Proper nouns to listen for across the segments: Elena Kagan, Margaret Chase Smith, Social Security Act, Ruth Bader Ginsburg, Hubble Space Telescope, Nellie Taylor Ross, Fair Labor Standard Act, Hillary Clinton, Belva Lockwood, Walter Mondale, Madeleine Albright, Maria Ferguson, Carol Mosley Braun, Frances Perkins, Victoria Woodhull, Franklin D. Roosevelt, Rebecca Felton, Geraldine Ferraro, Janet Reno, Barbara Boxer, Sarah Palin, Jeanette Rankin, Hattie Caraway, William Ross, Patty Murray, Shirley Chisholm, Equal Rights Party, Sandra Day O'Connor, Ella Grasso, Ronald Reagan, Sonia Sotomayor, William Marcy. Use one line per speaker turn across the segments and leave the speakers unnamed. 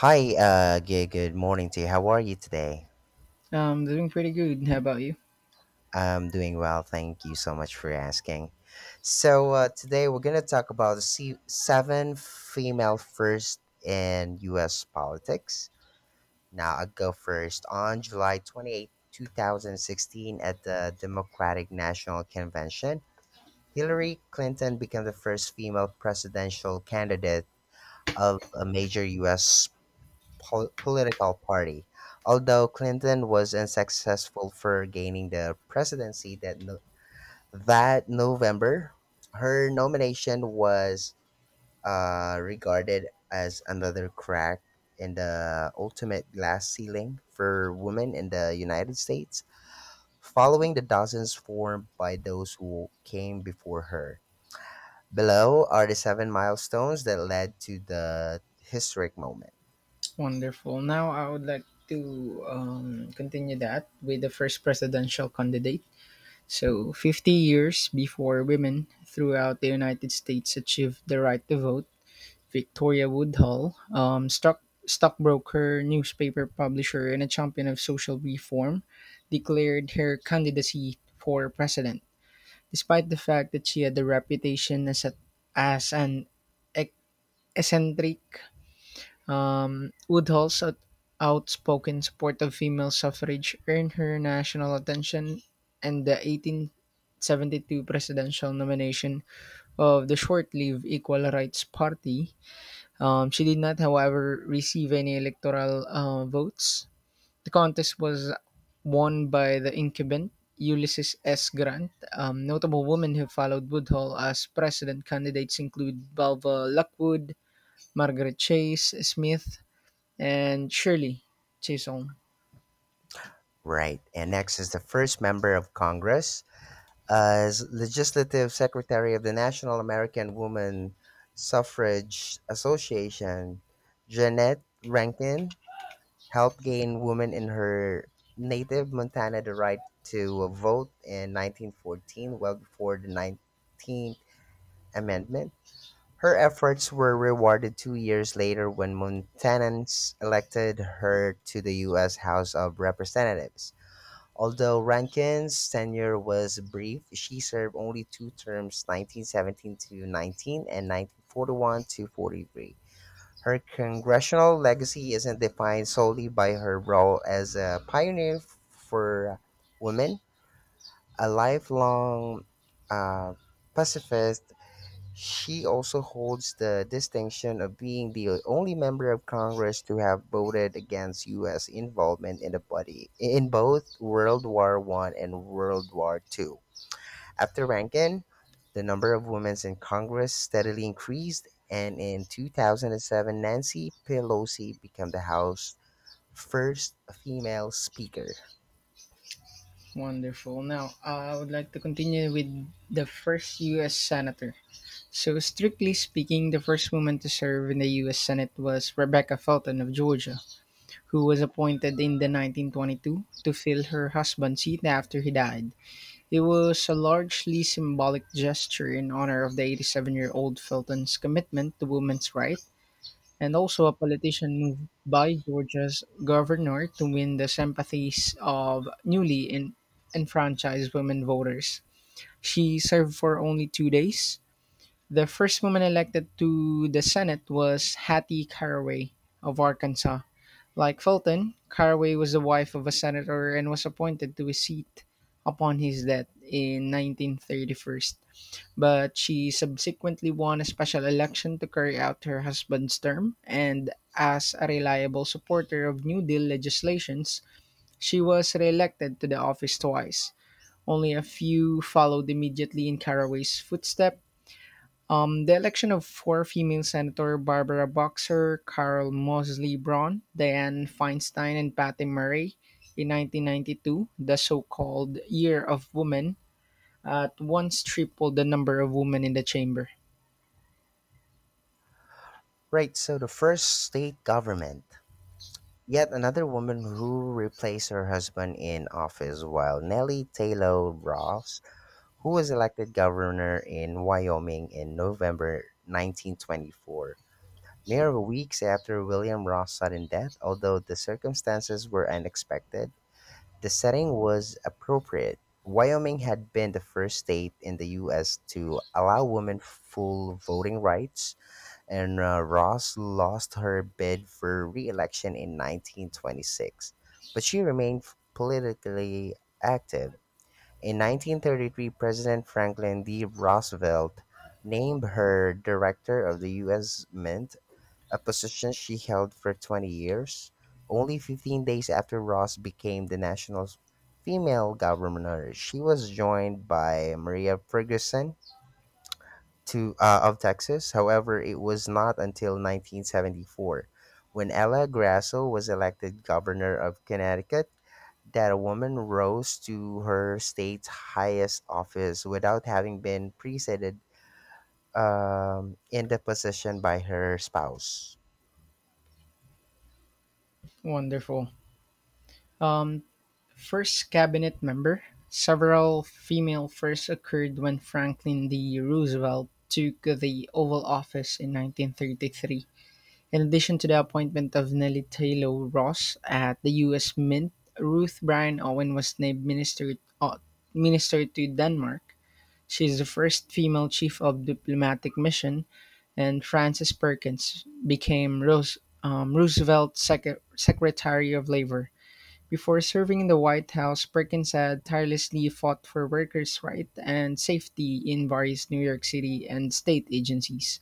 Hi, good morning to you. How are you today?
I'm doing pretty good. How about you?
I'm doing well. Thank you so much for asking. Today we're going to talk about the seven female first in U.S. politics. Now, I'll go first. On July 28, 2016, at the Democratic National Convention, Hillary Clinton became the first female presidential candidate of a major U.S. Political party. Although Clinton was unsuccessful for gaining the presidency that November, her nomination was regarded as another crack in the ultimate glass ceiling for women in the United States, following the dozens formed by those who came before her. Below are the seven milestones that led to the historic moment.
Wonderful. Now I would like to continue that with the first presidential candidate. So, 50 years before women throughout the United States achieved the right to vote, Victoria Woodhull, stockbroker, newspaper publisher, and a champion of social reform, declared her candidacy for president, despite the fact that she had the reputation as a, as an ec- eccentric. Woodhull's out- outspoken support of female suffrage earned her national attention and the 1872 presidential nomination of the short-lived Equal Rights Party. She did not, however, receive any electoral votes. The contest was won by the incumbent Ulysses S. Grant. Notable women who followed Woodhull as president candidates include Balva Lockwood, Margaret Chase Smith, and Shirley Chisholm.
Right. And next is the first member of Congress as Legislative Secretary of the National American Woman Suffrage Association. Jeanette Rankin helped gain women in her native Montana the right to vote in 1914, well before the 19th Amendment. Her efforts were rewarded 2 years later when Montanans elected her to the U.S. House of Representatives. Although Rankin's tenure was brief, she served only two terms, 1917 to 19 and 1941 to 43. Her congressional legacy isn't defined solely by her role as a pioneer for women. A lifelong uh, pacifist, she also holds the distinction of being the only member of Congress to have voted against U.S. involvement in the body in both World War One and World War Two. After Rankin, the number of women in Congress steadily increased, and in 2007, Nancy Pelosi became the House's first female speaker.
Wonderful. Now, I would like to continue with the first U.S. Senator. So, strictly speaking, the first woman to serve in the U.S. Senate was Rebecca Felton of Georgia, who was appointed in the 1922 to fill her husband's seat after he died. It was a largely symbolic gesture in honor of the 87-year-old Felton's commitment to women's rights and also a politician moved by Georgia's governor to win the sympathies of enfranchised women voters. She served for only 2 days. The first woman elected to the Senate was Hattie Caraway of Arkansas. Like Fulton, Caraway was the wife of a senator and was appointed to a seat upon his death in 1931, but she subsequently won a special election to carry out her husband's term, and as a reliable supporter of New Deal legislations, she was re-elected to the office twice. Only a few followed immediately in Caraway's footstep. The election of 4 female senators Barbara Boxer, Carol Mosley Braun, Dianne Feinstein, and Patty Murray in 1992, the so-called Year of Women, at once tripled the number of women in the chamber.
Right, so the first state government. Yet another woman who replaced her husband in office while Nellie Taylor Ross, who was elected governor in Wyoming in November 1924, mere weeks after William Ross' sudden death, although the circumstances were unexpected, the setting was appropriate. Wyoming had been the first state in the U.S. to allow women full voting rights, and Ross lost her bid for re-election in 1926, but she remained politically active. In 1933, President Franklin D. Roosevelt named her director of the U.S. Mint, a position she held for 20 years, only 15 days after Ross became the national female governor. She was joined by Maria Ferguson to of Texas. However, it was not until 1974, when Ella Grasso was elected governor of Connecticut, that a woman rose to her state's highest office without having been preceded in the position by her spouse.
Wonderful. Um, First cabinet member. Several female first occurred when Franklin D. Roosevelt took the Oval Office in 1933. In addition to the appointment of Nellie Taylor Ross at the U.S. Mint, Ruth Bryan Owen was named uh, Minister to Denmark. She is the first female chief of diplomatic mission, and Frances Perkins became Roosevelt's Secretary of Labor. Before serving in the White House, Perkins had tirelessly fought for workers' rights and safety in various New York City and state agencies.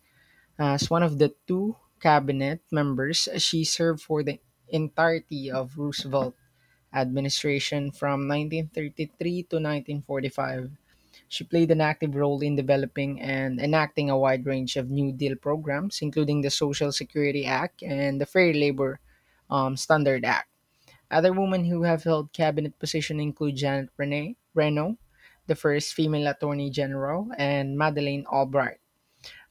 As one of the two cabinet members, she served for the entirety of Roosevelt administration from 1933 to 1945. She played an active role in developing and enacting a wide range of New Deal programs, including the Social Security Act and the Fair Labor Standard Act. Other women who have held cabinet positions include Reno, the first female Attorney General, and Madeleine Albright.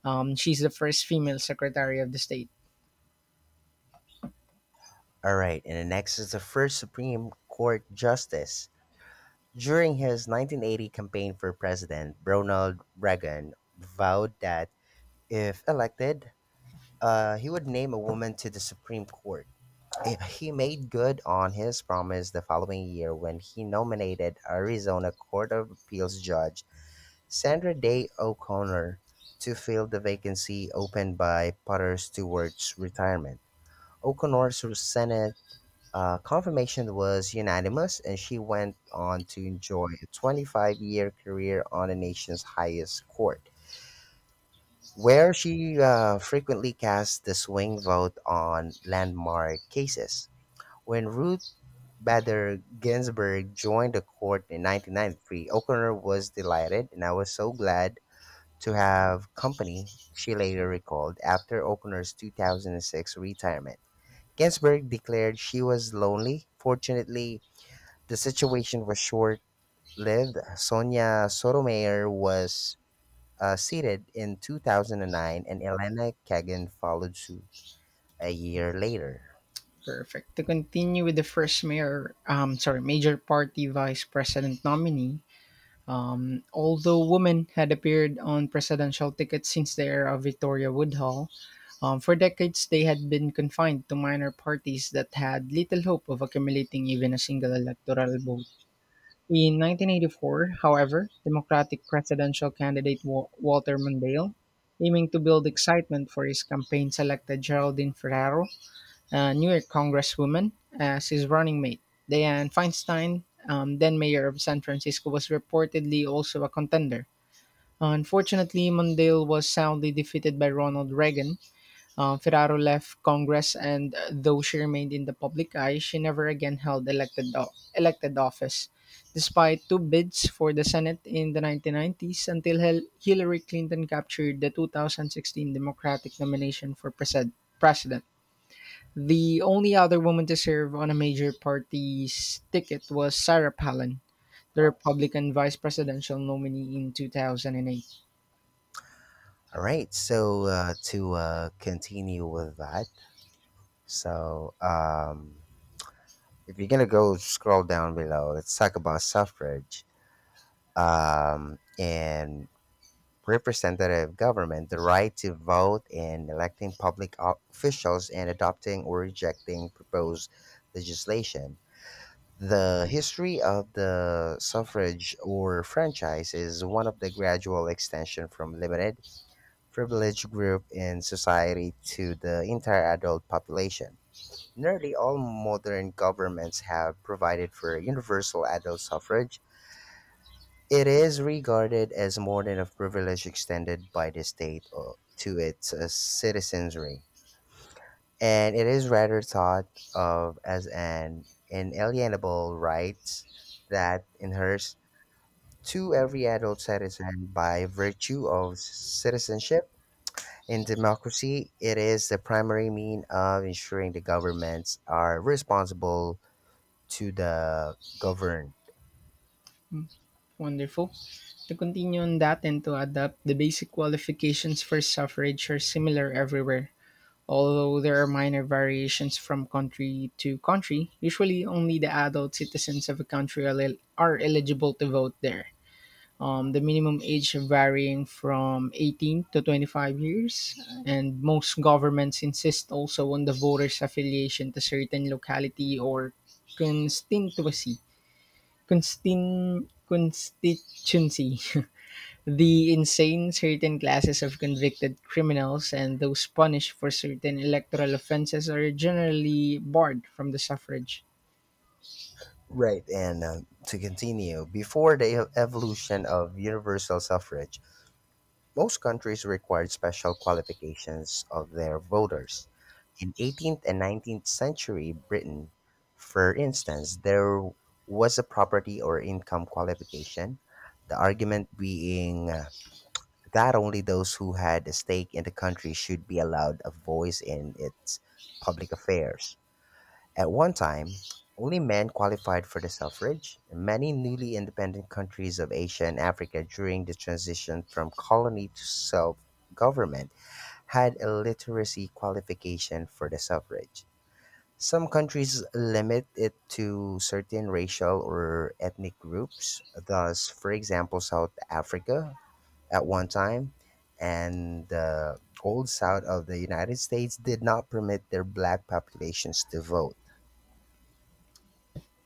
She's the first female Secretary of the State.
All right, and the next is the first Supreme Court justice. During his 1980 campaign for president, Ronald Reagan vowed that if elected, he would name a woman to the Supreme Court. He made good on his promise the following year when he nominated Arizona Court of Appeals Judge Sandra Day O'Connor to fill the vacancy opened by Potter Stewart's retirement. O'Connor's Senate confirmation was unanimous, and she went on to enjoy a 25-year career on the nation's highest court where she frequently cast the swing vote on landmark cases. When Ruth Bader Ginsburg joined the court in 1993, O'Connor was delighted, and I was so glad to have company, she later recalled after O'Connor's 2006 retirement. Ginsburg declared she was lonely. Fortunately, the situation was short lived. Sonia Sotomayor was seated in 2009, and Elena Kagan followed suit a year later.
Perfect. To continue with the first major party vice president nominee, although women had appeared on presidential tickets since the era of Victoria Woodhull, for decades they had been confined to minor parties that had little hope of accumulating even a single electoral vote. In 1984, however, Democratic presidential candidate Walter Mondale, aiming to build excitement for his campaign, selected Geraldine Ferraro, a New York congresswoman, as his running mate. Dianne Feinstein, then mayor of San Francisco, was reportedly also a contender. Unfortunately, Mondale was soundly defeated by Ronald Reagan, Ferraro left Congress, and though she remained in the public eye, she never again held elected office, despite two bids for the Senate in the 1990s until Hillary Clinton captured the 2016 Democratic nomination for president. The only other woman to serve on a major party's ticket was Sarah Palin, the Republican vice presidential nominee in 2008.
All right, so to continue with that, so um, if you're gonna go scroll down below, let's talk about suffrage and representative government, the right to vote in electing public officials and adopting or rejecting proposed legislation. The history of the suffrage or franchise is one of the gradual extension from limited privileged group in society to the entire adult population. Nearly all modern governments have provided for universal adult suffrage. It is regarded as more than a privilege extended by the state to its citizenry, and it is rather thought of as an inalienable right that inheres to every adult citizen by virtue of citizenship. In democracy, it is the primary mean of ensuring the governments are responsible to the governed.
Wonderful. To continue on that and to adapt, the basic qualifications for suffrage are similar everywhere, although there are minor variations from country to country. Usually, only the adult citizens of a country are eligible to vote there. The minimum age varying from 18 to 25 years, and most governments insist also on the voter's affiliation to certain locality or constituency. Constituency. The insane, certain classes of convicted criminals, and those punished for certain electoral offenses are generally barred from the suffrage.
Right, and to continue, before the evolution of universal suffrage, most countries required special qualifications of their voters. In 18th and 19th century Britain, for instance, there was a property or income qualification, the argument being that only those who had a stake in the country should be allowed a voice in its public affairs. At one time, only men qualified for the suffrage. In many newly independent countries of Asia and Africa during the transition from colony to self government had a literacy qualification for the suffrage. Some countries limit it to certain racial or ethnic groups. Thus, for example, South Africa at one time, and the Old South of the United States did not permit their black populations to vote.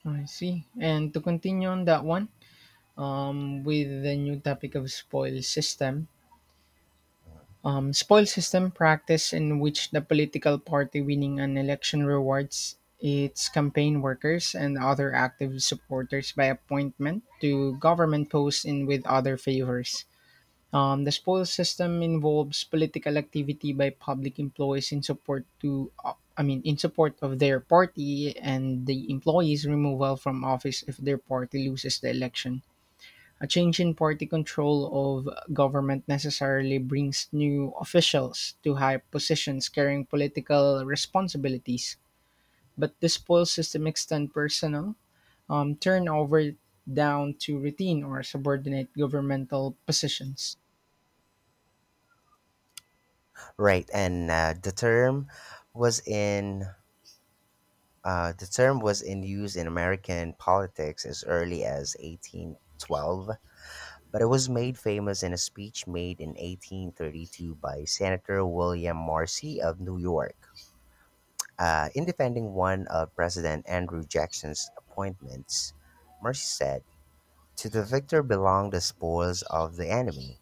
I see. And to continue on that one, with the new topic of spoil system practice in which the political party winning an election rewards its campaign workers and other active supporters by appointment to government posts and with other favors. The spoils system involves political activity by public employees in support to, I mean, in support of their party, and the employees' removal from office if their party loses the election. A change in party control of government necessarily brings new officials to high positions carrying political responsibilities. But the spoils system extends personal turnover down to routine or subordinate governmental positions.
Right, and was in the term was in use in American politics as early as 1812, but it was made famous in a speech made in 1832 by Senator William Marcy of New York. In defending one of President Andrew Jackson's appointments, Marcy said, to the victor belong the spoils of the enemy.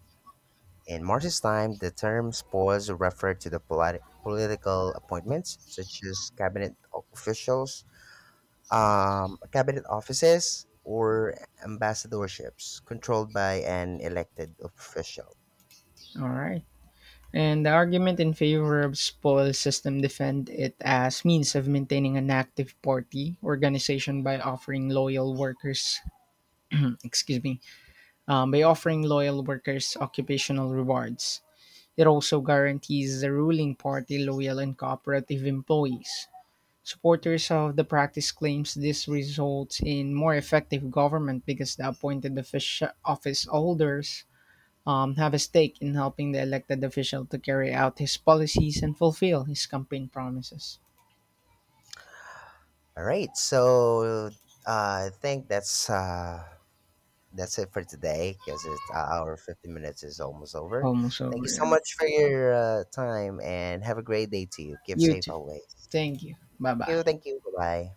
In Marcy's time, the term spoils referred to the political appointments, such as cabinet officials, cabinet offices, or ambassadorships controlled by an elected official.
All right. And the argument in favor of spoils system defend it as means of maintaining an active party organization by offering loyal workers, excuse me, by offering loyal workers occupational rewards. It also guarantees the ruling party loyal and cooperative employees. Supporters of the practice claims this results in more effective government because the appointed office holders have a stake in helping the elected official to carry out his policies and fulfill his campaign promises.
All right, so I think that's it for today because it's our 50 minutes is almost over.
Almost
Thank you
over.
so
Yeah.
much for your time and have a great day to you. Give
You
safe
too.
always.
Thank you. Bye
Thank
bye.
you. Thank you. Bye bye.